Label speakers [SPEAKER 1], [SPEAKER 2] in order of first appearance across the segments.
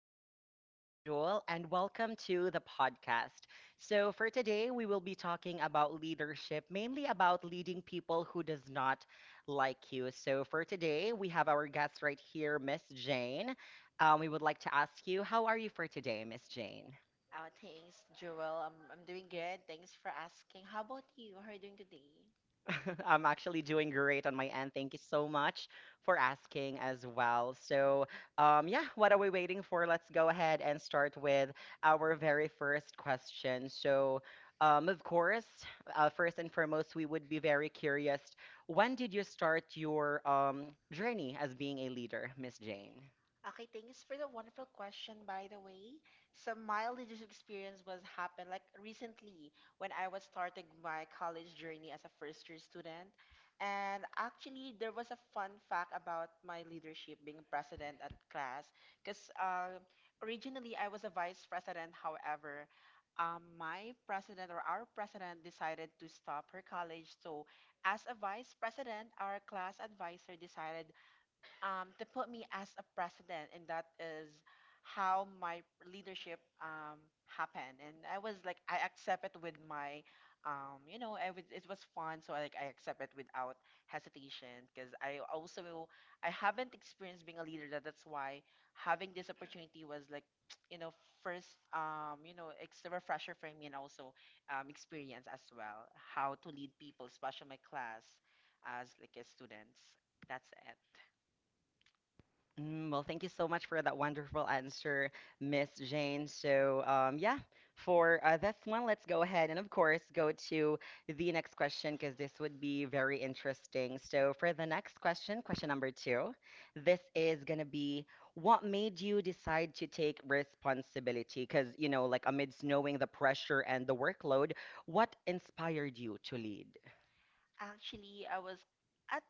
[SPEAKER 1] day. My name is Joel, and welcome to the podcast. So, for today, we will be talking about leadership, mainly about leading people who does not like you. So, for today, we have our guest right here, Miss Jane. We would like to ask you, how are you for today, Miss Jane?
[SPEAKER 2] Oh, thanks, Jewel. I'm doing good. Thanks for asking. How about you? How are you doing today?
[SPEAKER 1] I'm actually doing great on my end. Thank you so much for asking as well. So, yeah, what are we waiting for? Let's go ahead and start with our very first question. So, of course, first and foremost, we would be very curious. When did you start your journey as being a leader, Miss Jane?
[SPEAKER 2] Okay, thanks for the wonderful question, by the way. Some my leadership experience was happened like recently when I was starting my college journey as a first year student. And actually, there was a fun fact about my leadership being president at class because originally I was a vice president. However, my president or our president decided to stop her college. So, as a vice president, our class advisor decided to put me as a president, and that is how my leadership happened. And I was like, I accept it with my, I was, it was fun, so I, like I accept it without hesitation because I also I haven't experienced being a leader. That's why having this opportunity was like, you know, first, it's a refresher for me and also experience as well how to lead people, especially my class as like a students. That's it.
[SPEAKER 1] Mm, well, thank you so much for that wonderful answer, Miss Jane. So, yeah, for this one, let's go ahead and, of course, go to the next question because this would be very interesting. So, for the next question, question number two, this is going to be what made you decide to take responsibility? Because, you know, like amidst knowing the pressure and the workload, what inspired you to lead?
[SPEAKER 2] Actually, I was at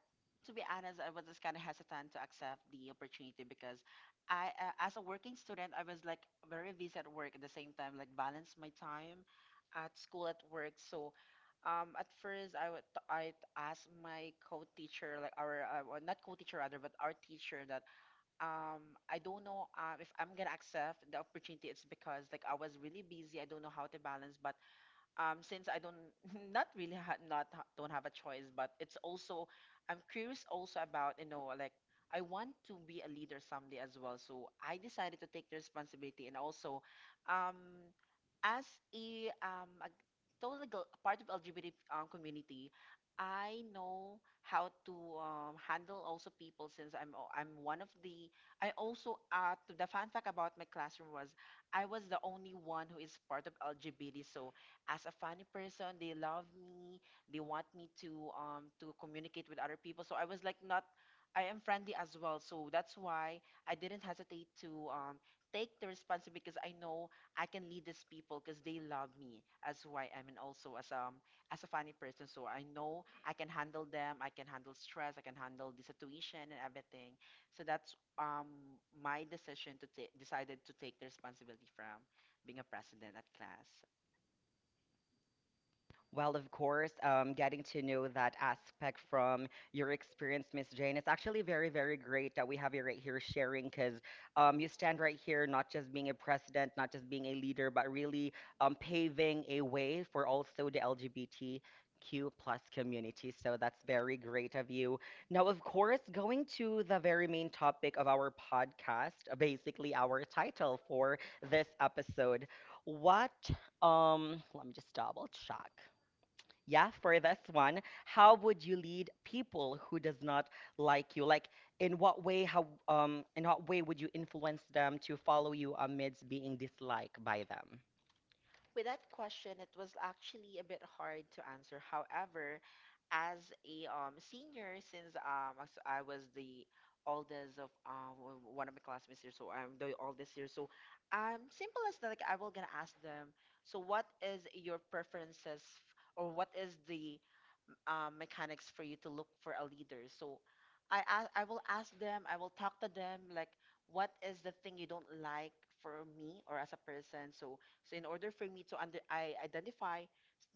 [SPEAKER 2] to be honest, I was just kind of hesitant to accept the opportunity because I, as a working student, I was like very busy at work at the same time, like balance my time at school, at work. So, at first, I asked my co-teacher, like our well, not co-teacher rather, but our teacher that I don't know if I'm gonna accept the opportunity. It's because like I was really busy. I don't know how to balance, but since I don't not really ha not ha- don't have a choice, but it's also I'm curious also about like I want to be a leader someday as well. So I decided to take the responsibility and also um, as a part of LGBT community, I know how to handle also people since I'm one of the I also to the fun fact about my classroom was I was the only one who is part of LGBT so as a funny person. They love me. They want me to communicate with other people. So I was like not I am friendly as well. So that's why I didn't hesitate to take the responsibility because I know I can lead these people because they love me as who I am and also as a funny person. So I know I can handle them. I can handle stress. I can handle the situation and everything. So that's my decision to take decided to take the responsibility from being a president at class.
[SPEAKER 1] Well, of course, getting to know that aspect from your experience, Miss Jane, it's actually very, very great that we have you right here sharing because you stand right here, not just being a president, not just being a leader, but really paving a way for also the LGBTQ plus community. So that's very great of you. Now, of course, going to the very main topic of our podcast, basically our title for this episode, what let me just double check. Yeah, for this one, how would you lead people who does not like you? Like, in what way? How in what way would you influence them to follow you amidst being disliked by them?
[SPEAKER 2] With that question, it was actually a bit hard to answer. However, as a senior, since as I was the oldest of one of my classmates here, so I'm the oldest here. So, simple as that, like I will gonna ask them. So, what is your preferences, or what is the mechanics for you to look for a leader. So I will ask them, I will talk to them, like, what is the thing you don't like for me or as a person? So, so in order for me to under, I identify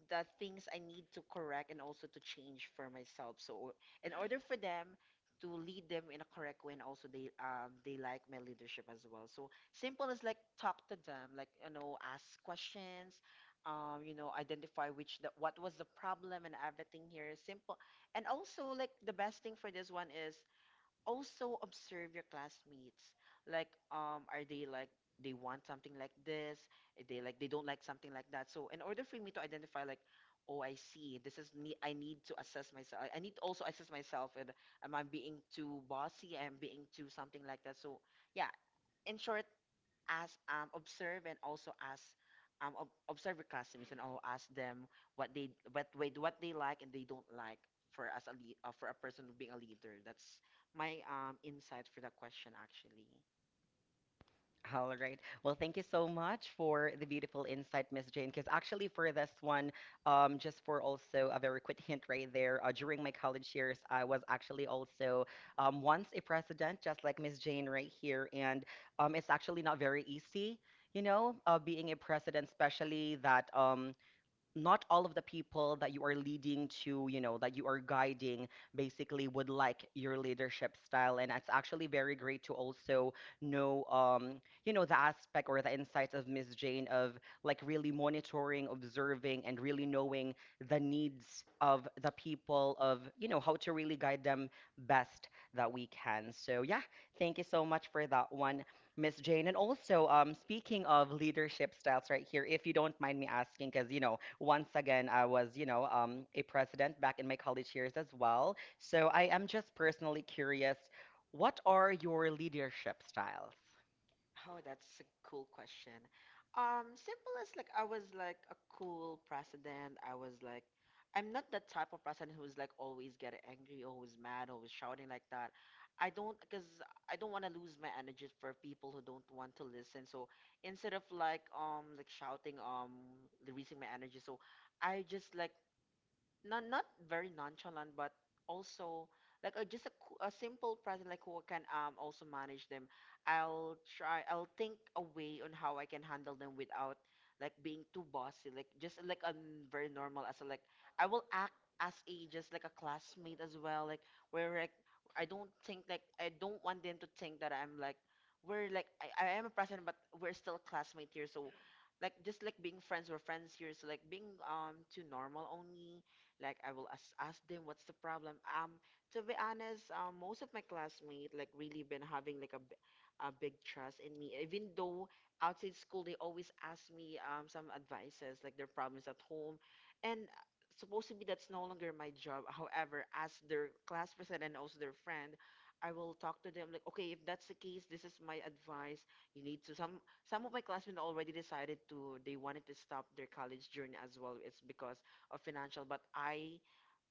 [SPEAKER 2] the things I need to correct and also to change for myself. So in order for them to lead them in a correct way and also they like my leadership as well. So simple as like talk to them, like ask questions, identify which the, what was the problem and everything here is simple. And also, like the best thing for this one is also observe your classmates. Like, are they like they want something like this? Are they like they don't like something like that. So in order for me to identify like, oh, I see, this is me. I need to assess myself. I need to also assess myself. And am I being too bossy? Am I being too something like that? So yeah, in short as observe and also ask observe your customers and all ask them what they what wait what they like and they don't like for as a lead, for a person being a leader. That's my insight for that question actually.
[SPEAKER 1] All right. Well, thank you so much for the beautiful insight, Miss Jane. Because actually, for this one, just for also a very quick hint right there, during my college years, I was actually also once a president, just like Miss Jane right here. And it's actually not very easy, you know, being a president, especially that not all of the people that you are leading to, you know, that you are guiding basically would like your leadership style. And it's actually very great to also know, you know, the aspect or the insights of Miss Jane of like really monitoring, observing, and really knowing the needs of the people, of, you know, how to really guide them best that we can. So, yeah, thank you so much for that one. Miss Jane. And also, speaking of leadership styles right here, if you don't mind me asking, because you know, once again, I was, you know, a president back in my college years as well. So I am just personally curious, what are your leadership styles?
[SPEAKER 2] Oh, that's a cool question. Simple as like I was like a cool president. I was like, I'm not the type of president who's like always getting angry, always mad, always shouting like that. I don't, because I don't want to lose my energy for people who don't want to listen. So instead of like shouting, releasing my energy, so I just like not very nonchalant, but also like a, just a, a simple present like who can also manage them. I'll try. I'll think a way on how I can handle them without like being too bossy. Like just like I'm very normal as a, like I will act as a just like a classmate as well. Like where like I don't think like I don't want them to think that I'm like we're like I am a president, but we're still a classmate here. So like just like being friends, we're friends here. So like being too normal only like I will ask, ask them what's the problem. To be honest, most of my classmates like really been having like a big trust in me. Even though outside school they always ask me some advices like their problems at home, and supposedly that's no longer my job. However, as their class president and also their friend, I will talk to them like, okay, if that's the case, this is my advice. You need to some of my classmates already decided to they wanted to stop their college journey as well. It's because of financial but I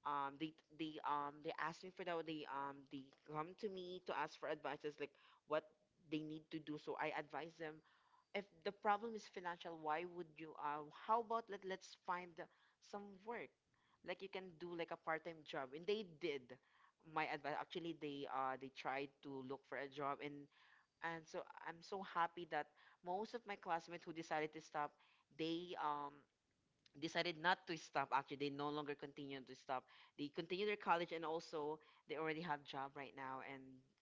[SPEAKER 2] they they asked me for that they come to me to ask for advices like what they need to do so I advise them if the problem is financial why would you how about let's find some work like you can do like a part-time job and they did my advice actually they tried to look for a job and so I'm so happy that most of my classmates who decided to stop they decided not to stop actually they no longer continue to stop they continue their college and also they already have job right now and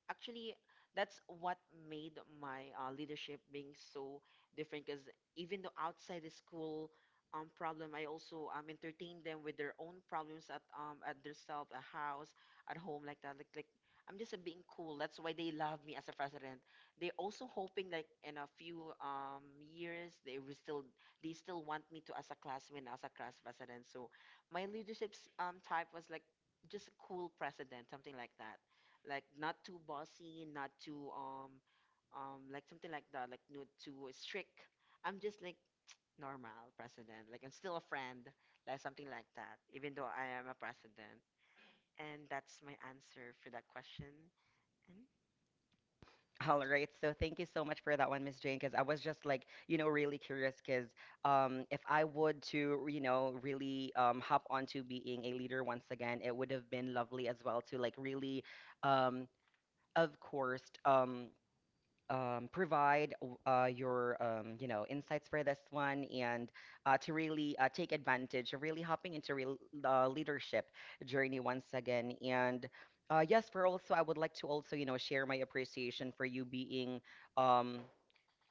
[SPEAKER 2] actually that's what made my leadership being so different because even though outside the school problem I also entertain them with their own problems at their self at house at home like that like I'm just being cool that's why they love me as a president they also hoping like in a few years they will still they still want me to as a classmate, as a class president. So my leadership's type was like just a cool president, something like that. Like not too bossy, not too like something like that, like not too strict. I'm just like normal president. Like I'm still a friend, like something like that, even though I am a president. And that's my answer for that question.
[SPEAKER 1] All right, so thank you so much for that one, Miss Jane, because I was just like, you know, really curious because if I would to, you know, really hop onto being a leader once again, it would have been lovely as well to like really, um, of course, provide your you know insights for this one and to really take advantage of really hopping into real leadership journey once again and yes for also I would like to also you know share my appreciation for you being um,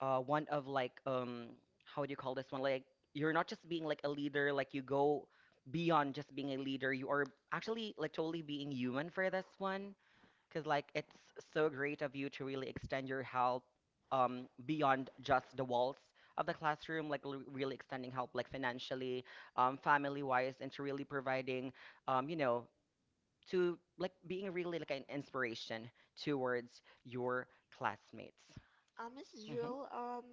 [SPEAKER 1] one of like how do you call this one like you're not just being like a leader like you go beyond just being a leader you are actually like totally being human for this one because like it's so great of you to really extend your help beyond just the walls of the classroom, like really extending help like financially, family-wise, and to really providing, you know, to like being really like an inspiration towards your classmates.
[SPEAKER 2] Miss
[SPEAKER 1] Mhm.
[SPEAKER 2] Jill,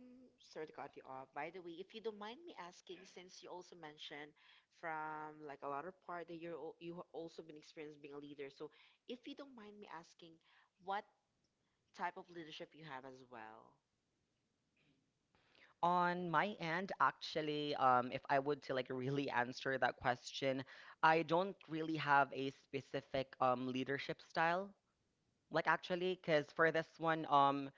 [SPEAKER 2] sorry to cut you off. By the way, if you don't mind me asking, since you also mentioned from like a lot of part that you have also been experienced being a leader, so if you don't mind me asking, what type of leadership you have as well?
[SPEAKER 1] On my end, actually, if I would to like really answer that question, I don't really have a specific leadership style. Like actually, because for this one,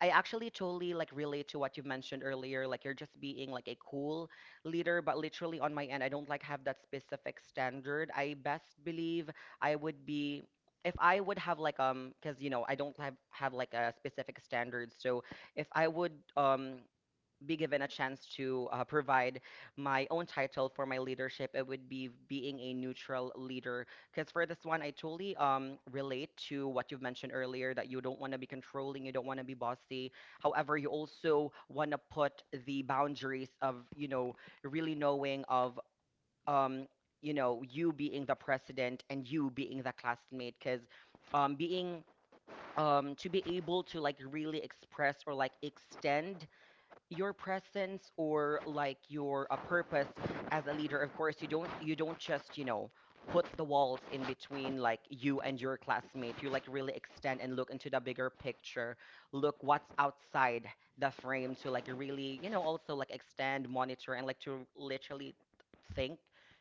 [SPEAKER 1] I actually totally like relate to what you mentioned earlier. Like you're just being like a cool leader, but literally on my end, I don't like have that specific standard. I best believe I would be if I would have like because you know I don't have like a specific standard. So if I would be given a chance to provide my own title for my leadership, it would be being a neutral leader. Because for this one, I totally relate to what you've mentioned earlier that you don't want to be controlling, you don't want to be bossy. However, you also want to put the boundaries of, you know, really knowing of, um, you know, you being the president and you being the classmate. Because being to be able to like really express or like extend your presence or like your a purpose as a leader of course you don't just you know put the walls in between like you and your classmate you like really extend and look into the bigger picture look what's outside the frame to like really you know also like extend monitor and like to literally think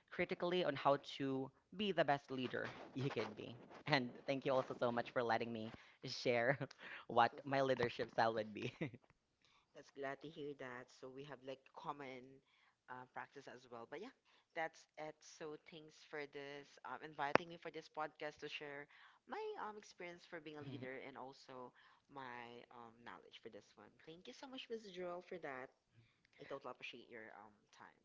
[SPEAKER 1] critically on how to be the best leader you could be and thank you also so much for letting me share what my leadership style would be
[SPEAKER 2] That's glad to hear that. So we have like common practice as well. But yeah, that's it. So thanks for this inviting me for this podcast to share my experience for being a leader and also my knowledge for this one. Thank you so much, Miss Jewel, for that. I totally appreciate your time.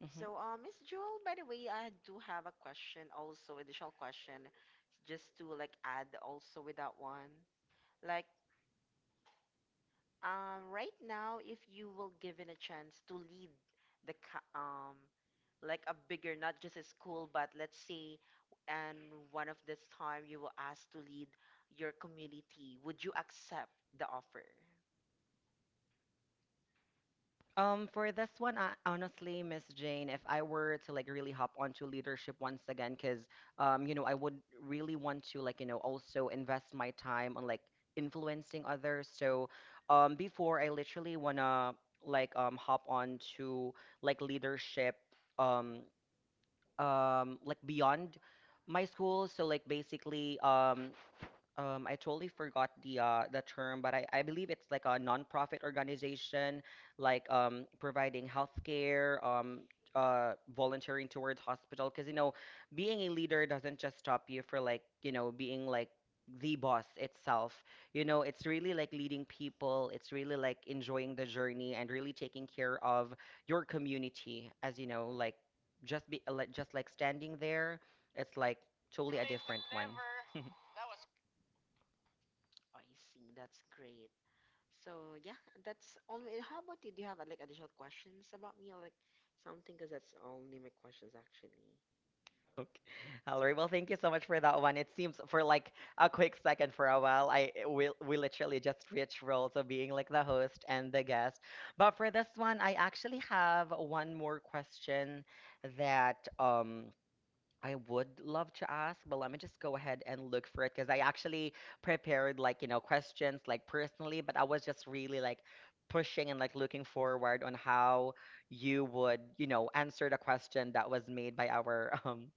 [SPEAKER 1] Mhm.
[SPEAKER 2] So, Miss Jewel, by the way, I do have a question also, additional question, just to like add also with that one. Like, right now, if you will given a chance to lead the like a bigger, not just a school, but let's say, and one of this time you were asked to lead your community, would you accept the offer?
[SPEAKER 1] For this one, I, honestly, Miss Jane, if I were to like really hop onto leadership once again, because you know, I would really want to like, you know, also invest my time on like influencing others. So, before I literally wanna like hop on to like leadership, um, like beyond my school. So like basically, I totally forgot the term, but I believe it's like a nonprofit organization, like providing healthcare, volunteering towards hospital. Because you know, being a leader doesn't just stop you for like you know being like the boss itself. You know, it's really like leading people. It's really like enjoying the journey and really taking care of your community. As you know, like just be like just like standing there, it's like totally a
[SPEAKER 2] But
[SPEAKER 1] different one.
[SPEAKER 2] never. That was I see. That's great. So yeah, that's only. How about you? Do you have like additional questions about me or like something? Because that's only my questions actually.
[SPEAKER 1] Okay. All right. Well, thank you so much for that one. It seems for like a quick second, for a while, I we literally just switched roles of being like the host and the guest. But for this one, I actually have one more question that I would love to ask, but let me just go ahead and look for it because I actually prepared like, you know, questions like personally, but I was just really like pushing and like looking forward on how you would, you know, answer the question that was made by our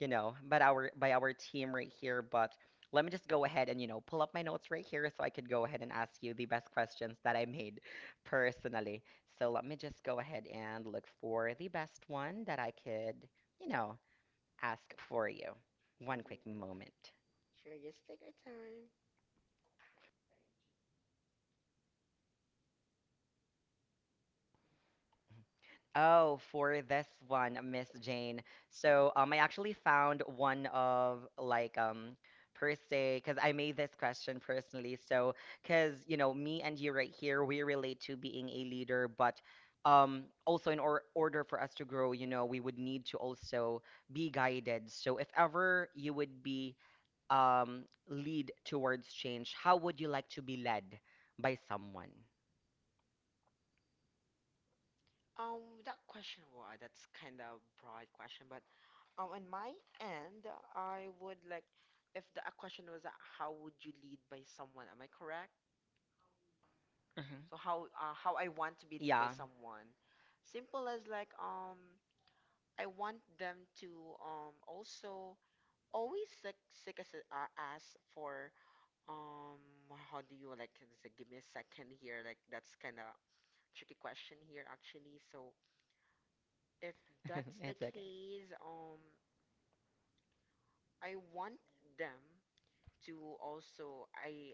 [SPEAKER 1] you know, but our by our team right here. But let me just go ahead and, you know, pull up my notes right here so I could go ahead and ask you the best questions that I made personally. So let me just go ahead and look for the best one that I could, you know, ask for you. One quick moment.
[SPEAKER 2] Sure, just take your time.
[SPEAKER 1] Oh, for this one, Miss Jane. So, I actually found one of like per se because I made this question personally. So, because you know, me and you right here, we relate to being a leader, but also in or order for us to grow, you know, we would need to also be guided. So, if ever you would be lead towards change, how would you like to be led by someone?
[SPEAKER 2] That question, wow, that's kind of broad question, but on my end, I would like, if the a question was how would you lead by someone? Am I correct?
[SPEAKER 1] Hmm.
[SPEAKER 2] So how I want to be lead by
[SPEAKER 1] Yeah.
[SPEAKER 2] someone? Simple as like I want them to also always like seek us ask for um how do you like give me a second here like that's kind of tricky question here actually so if that's the
[SPEAKER 1] It's okay.
[SPEAKER 2] case I want them to also I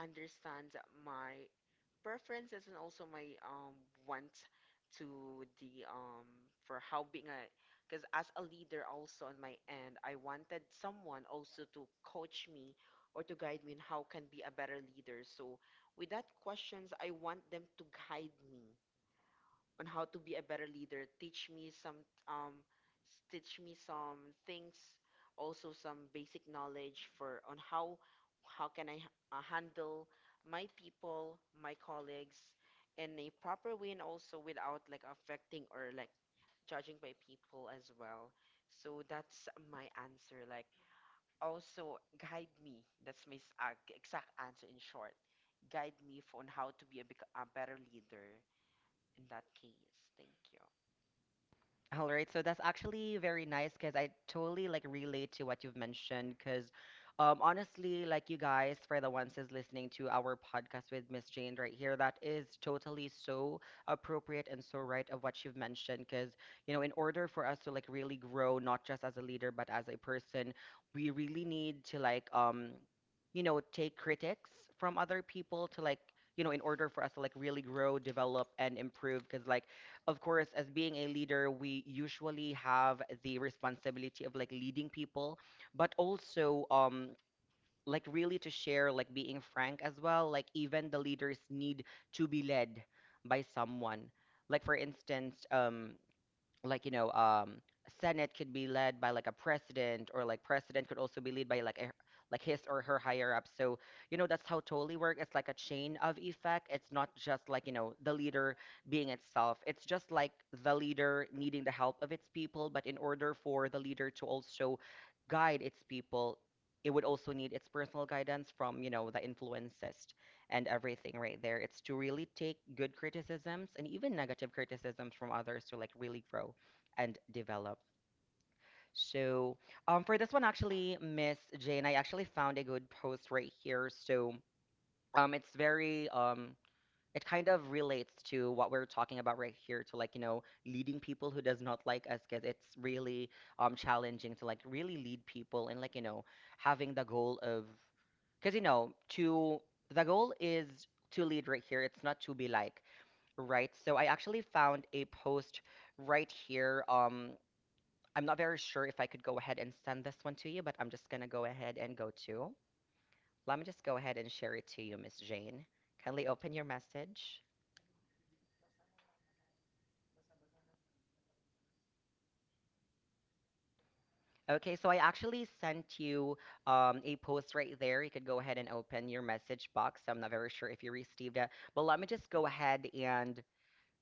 [SPEAKER 2] understand my preferences and also my wants to the for how being a because as a leader also on my end I wanted someone also to coach me or to guide me in how can be a better leader so with that questions I want them to guide me on how to be a better leader. Teach me some um teach me some things, also some basic knowledge for on how how can I handle my people, my colleagues in a proper way and also without like affecting or like judging by people as well. So that's my answer. Like also guide me. That's my exact answer in short. Guide me for on how to be a better leader in that case. Thank you.
[SPEAKER 1] All right, so that's actually very nice because I totally like relate to what you've mentioned. Because honestly, like you guys, for the ones who's listening to our podcast with Miss Jane right here, that is totally so appropriate and so right of what you've mentioned. Because you know, in order for us to like really grow, not just as a leader but as a person, we really need to like you know, take critics from other people to like you know, in order for us to like really grow, develop, and improve. Because like of course, as being a leader, we usually have the responsibility of like leading people, but also like really to share, like being frank as well. Like even the leaders need to be led by someone. Like for instance, like senate could be led by like a president or like president could also be led by like his or her higher up so you know that's how totally work. It's like a chain of effect. It's not just like you know the leader being itself. It's just like the leader needing the help of its people, but in order for the leader to also guide its people, it would also need its personal guidance from you know the influences and everything right there. It's to really take good criticisms and even negative criticisms from others to like really grow and develop. So, for this one, actually, Miss Jane, I actually found a good post right here. So, it's it kind of relates to what we're talking about right here, to like, you know, leading people who does not like us, because it's really challenging to like really lead people and like, you know, having the goal of, because you know, to the goal is to lead right here. It's not to be like, right? So I actually found a post right here. I'm not very sure if I could go ahead and send this one to you, but I'm just going to go ahead and go to. Let me just go ahead and share it to you, Miss Jane. Kindly open your message. Okay, so I actually sent you a post right there. You could go ahead and open your message box. I'm not very sure if you received it, but let me just go ahead and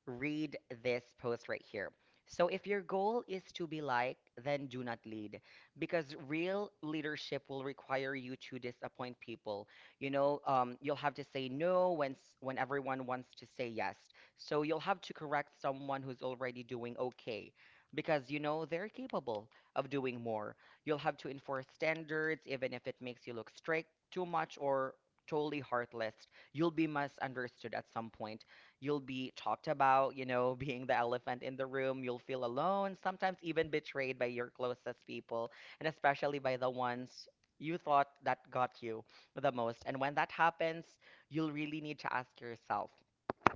[SPEAKER 1] read this post right here. So, if your goal is to be liked, then do not lead because real leadership will require you to disappoint people. You know, you'll have to say no when everyone wants to say yes. So, you'll have to correct someone who's already doing okay because you know they're capable of doing more. You'll have to enforce standards, even if it makes you look strict, too much, or totally heartless. You'll be misunderstood at some point. You'll be talked about, you know, being the elephant in the room. You'll feel alone, sometimes even betrayed by your closest people, and especially by the ones you thought that got you the most. And when that happens, you'll really need to ask yourself,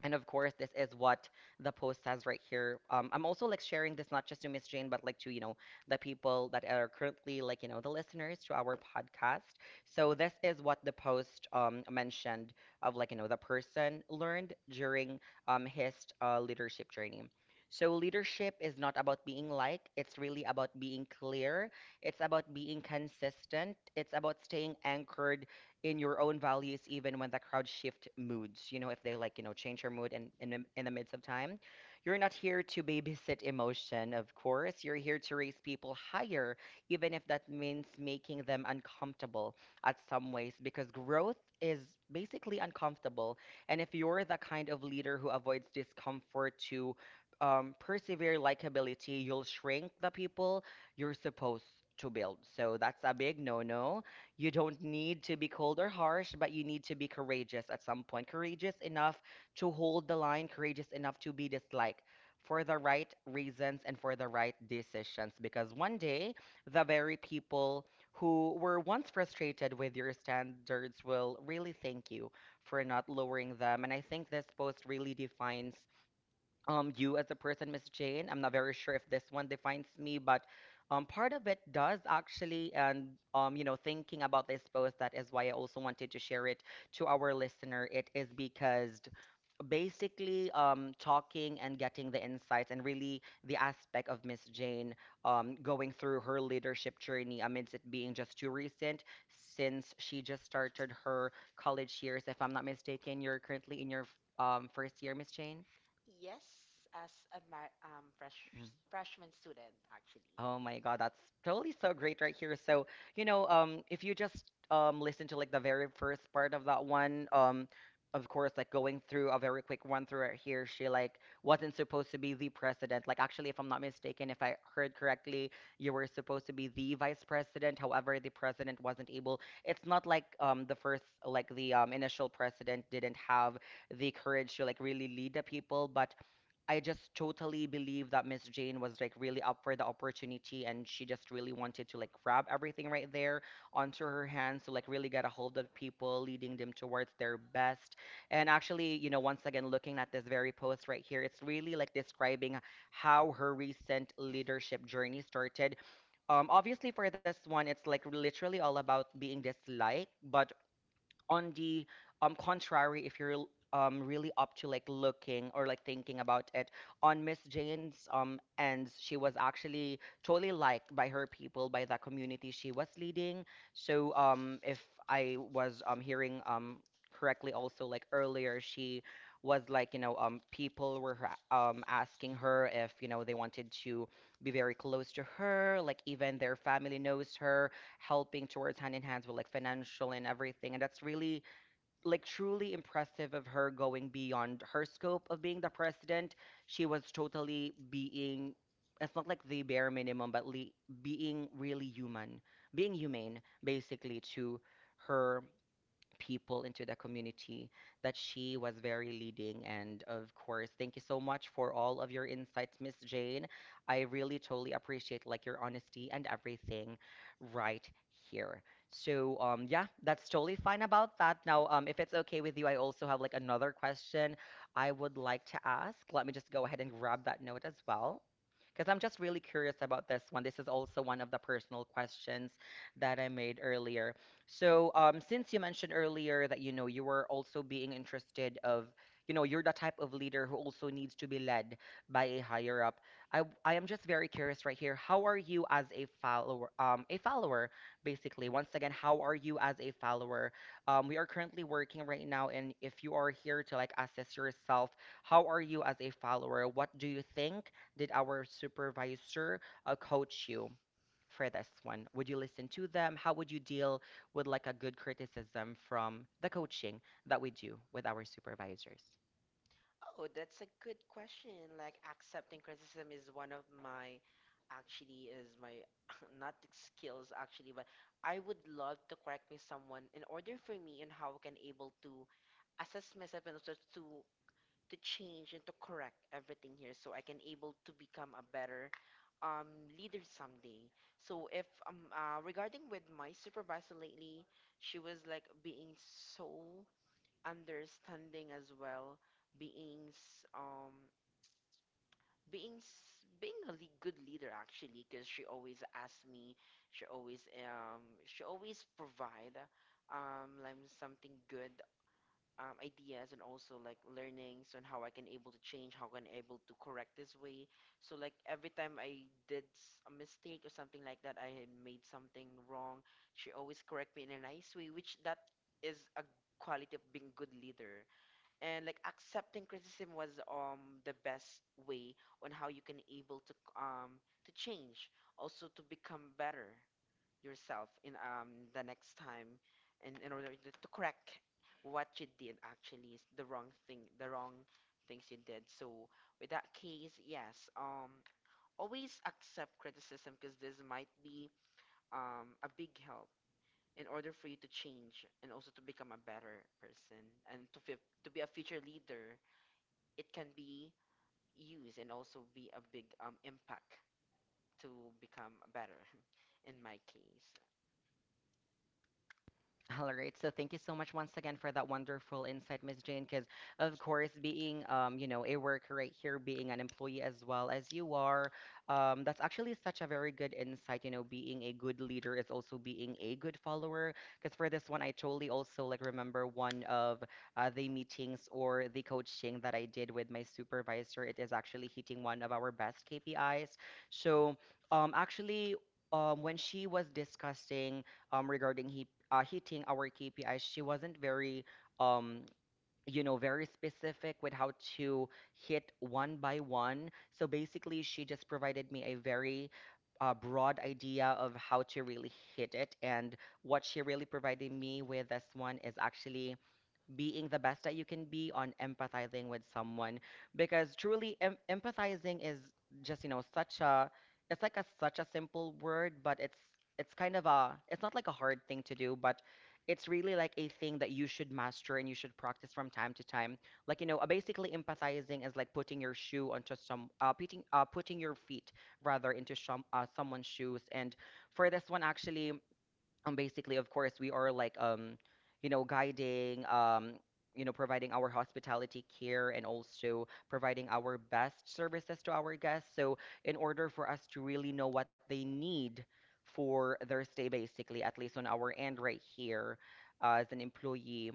[SPEAKER 1] and of course, this is what the post says right here. I'm also like sharing this not just to Miss Jane, but like to, you know, the people that are currently like, you know, the listeners to our podcast. So this is what the post mentioned of like, you know, the person learned during his leadership training. So leadership is not about being liked. It's really about being clear. It's about being consistent. It's about staying anchored in your own values, even when the crowd shift moods, you know, if they like you know change your mood in the midst of time. You're not here to babysit emotion. Of course, you're here to raise people higher, even if that means making them uncomfortable at some ways, because growth is basically uncomfortable. And if you're the kind of leader who avoids discomfort to persevere likability, you'll shrink the people you're supposed to build. So that's a big no-no. You don't need to be cold or harsh, but you need to be courageous at some point. Courageous enough to hold the line, courageous enough to be disliked for the right reasons and for the right decisions. Because one day, the very people who were once frustrated with your standards will really thank you for not lowering them. And I think this post really defines you as a person, Miss Jane. I'm not very sure if this one defines me, but part of it does actually. And you know, thinking about this post, that is why I also wanted to share it to our listener. It is because basically talking and getting the insights and really the aspect of Miss Jane going through her leadership journey amidst it being just too recent since she just started her college years. If I'm not mistaken, you're currently in your first year, Miss Jane.
[SPEAKER 2] Yes, as a freshman student, actually.
[SPEAKER 1] Oh my God, that's totally so great right here. So, you know, if you just listen to like the very first part of that one, of course, like going through a very quick one through right here, she like wasn't supposed to be the president. Like actually, if I'm not mistaken, if I heard correctly, you were supposed to be the vice president. However, the president wasn't able. It's not like the first, like the initial president didn't have the courage to like really lead the people, but I just totally believe that Miss Jane was like really up for the opportunity and she just really wanted to like grab everything right there onto her hands to like really get a hold of people, leading them towards their best. And actually, you know, once again, looking at this very post right here, it's really like describing how her recent leadership journey started. Obviously, for this one, it's like literally all about being disliked, but on the contrary, if you're really up to like looking or like thinking about it, on Miss Jane's ends, she was actually totally liked by her people, by the community she was leading. So if I was hearing correctly also like earlier, she was like, you know, people were asking her if, you know, they wanted to be very close to her, like even their family knows her, helping towards hand in hands with like financial and everything. And that's really like truly impressive of her going beyond her scope of being the president. She was totally being, it's not like the bare minimum, but le being really human, being humane basically to her people into the community that she was very leading. And of course, thank you so much for all of your insights, Miss Jane. I really totally appreciate like your honesty and everything right here. So yeah, that's totally fine about that. Now, if it's okay with you, I also have like another question I would like to ask. Let me just go ahead and grab that note as well. Because I'm just really curious about this one. This is also one of the personal questions that I made earlier. So, since you mentioned earlier that you know you were also being interested of, you know, you're the type of leader who also needs to be led by a higher up. I am just very curious right here. How are you as a follower? A follower, basically. Once again, how are you as a follower? We are currently working right now, and if you are here to like assess yourself, how are you as a follower? What do you think? Did our supervisor coach you for this one? Would you listen to them? How would you deal with like a good criticism from the coaching that we do with our supervisors?
[SPEAKER 2] Oh, that's a good question. Like accepting criticism is one of my actually is my not the skills actually, but I would love to correct me someone in order for me and how can able to assess myself and also to change and to correct everything here so I can able to become a better um, leader someday. So if regarding with my supervisor lately, she was like being so understanding as well, being s- um being a good leader actually because she always asked me, she always provide like something good ideas and also like learnings on how I can able to change, how can able to correct this way. So like every time I did a mistake or something like that, I had made something wrong. She always correct me in a nice way, which that is a quality of being good leader. And like accepting criticism was the best way on how you can able to change, also to become better yourself in the next time and in order to correct what you did actually is the wrong things you did so with that case yes always accept criticism because this might be a big help in order for you to change and also to become a better person and to to be a future leader it can be used and also be a big impact to become better in my case.
[SPEAKER 1] All right. So thank you so much once again for that wonderful insight, Miss Jane. Because of course, being you know, a worker right here, being an employee as well as you are, that's actually such a very good insight. You know, being a good leader is also being a good follower. Because for this one, I totally also like remember one of the meetings or the coaching that I did with my supervisor. It is actually hitting one of our best KPIs. So actually. When she was discussing regarding hitting our KPIs, she wasn't very, um, you know, very specific with how to hit one by one. So basically, she just provided me a very broad idea of how to really hit it. And what she really provided me with this one is actually being the best that you can be on empathizing with someone, because truly empathizing is just you know such a, it's like a such a simple word, but it's kind of a it's not like a hard thing to do, but it's really like a thing that you should master and you should practice from time to time, like you know basically empathizing is like putting your shoe onto some putting putting your feet rather into someone's shoes. And for this one actually, basically, of course, we are like, you know, guiding, you know, providing our hospitality care and also providing our best services to our guests. So, in order for us to really know what they need for their stay, basically, at least on our end right here, as an employee,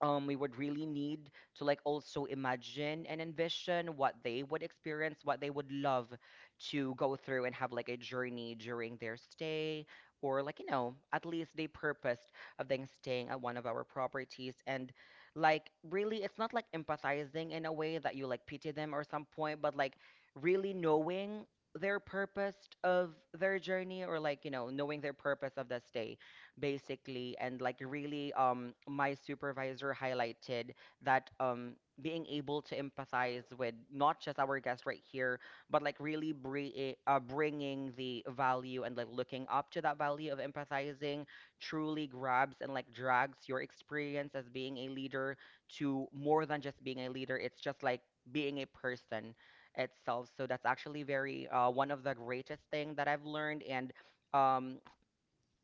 [SPEAKER 1] we would really need to like also imagine and envision what they would experience, what they would love to go through and have like a journey during their stay, or like, you know, at least they purposed of them staying at one of our properties. And like, really, it's not like empathizing in a way that you like pity them or some point, but like really knowing their purpose of their journey or like, you know, knowing their purpose of the stay basically and like really my supervisor highlighted that being able to empathize with not just our guest right here but like really bringing the value and like looking up to that value of empathizing truly grabs and like drags your experience as being a leader to more than just being a leader, it's just like being a person itself. So that's actually very, one of the greatest thing that I've learned. And um,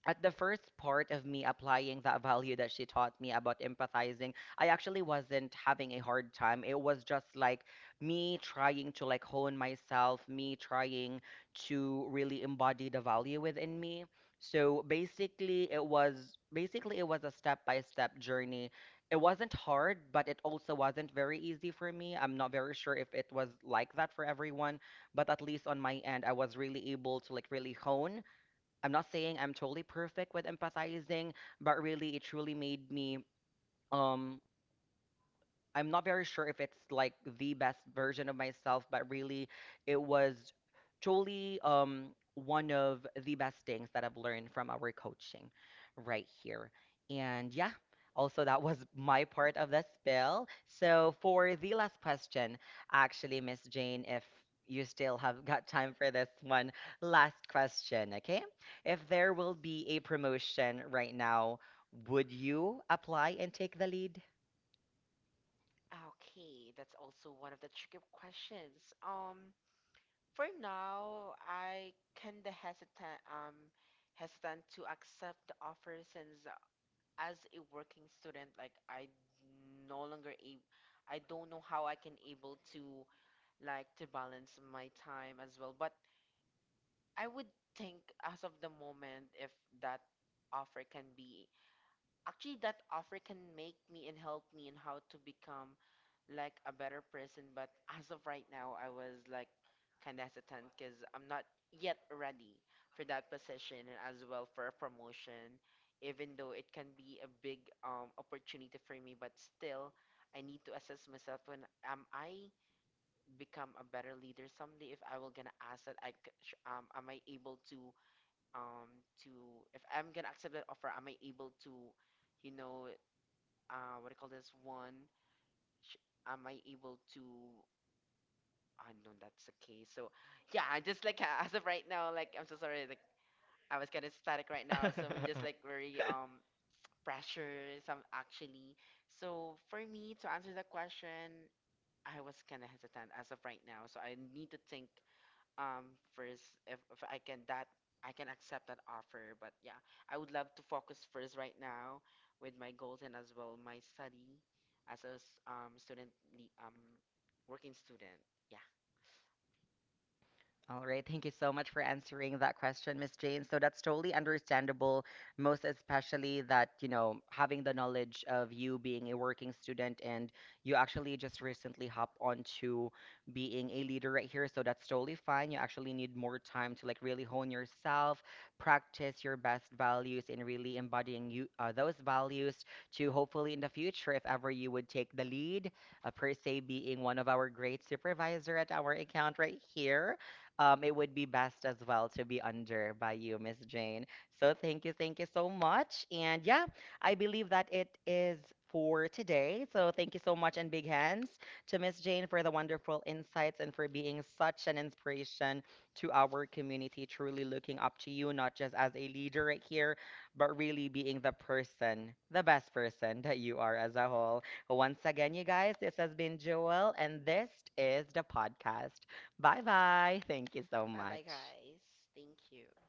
[SPEAKER 1] at the first part of me applying that value that she taught me about empathizing, I actually wasn't having a hard time. It was just like me trying to like hone myself, me trying to really embody the value within me. So basically it was, basically it was a step-by-step journey. It wasn't hard, but it also wasn't very easy for me. I'm not very sure if it was like that for everyone, but at least on my end, I was really able to like really hone. I'm not saying I'm totally perfect with empathizing, but really it truly made me um I'm not very sure if it's like the best version of myself, but really it was truly, one of the best things that I've learned from our coaching right here. And yeah, also that was my part of the spill. So for the last question, actually, Miss Jane, if you still have got time for this one, last question, okay? If there will be a promotion right now, would you apply and take the lead?
[SPEAKER 2] Okay, that's also one of the tricky questions. For now, I kinda hesitant to accept the offer since as a working student, like I no longer ab I don't know how I can able to like to balance my time as well. But I would think as of the moment if that offer can be. Actually, that offer can make me and help me in how to become like a better person. But as of right now, I was like kind of hesitant because I'm not yet ready for that position and as well for a promotion, even though it can be a big opportunity for me. But still, I need to assess myself when am I become a better leader someday if I will gonna ask that I am I able to if I'm gonna accept that offer, am I able to you know what do you call this one? Sh- am I able to? Ah, no, that's okay. So, yeah, I just like as of right now, like I'm so sorry, like I was kind of static right now, so I'm just like very pressure. Some actually, so for me to answer the question, I was kind of hesitant as of right now. So I need to think first if, if I can accept that offer but yeah I would love to focus first right now with my goals and as well my study as a working student, yeah.
[SPEAKER 1] All right. Thank you so much for answering that question, Miss Jane. So that's totally understandable, most especially that, you know, having the knowledge of you being a working student and you actually just recently hop onto being a leader right here. So that's totally fine. You actually need more time to like really hone yourself, practice your best values, and really embodying you, those values, to hopefully in the future, if ever you would take the lead, per se being one of our great supervisor at our account right here, it would be best as well to be under by you, Miss Jane. So thank you so much. And yeah, I believe that it is for today. So thank you so much and big hands to Miss Jane for the wonderful insights and for being such an inspiration to our community, truly looking up to you, not just as a leader right here, but really being the person, the best person that you are as a whole. Once again, you guys, this has been Joel, and this is the podcast. Bye bye. Thank you so
[SPEAKER 2] Bye bye
[SPEAKER 1] much.
[SPEAKER 2] guys, thank you.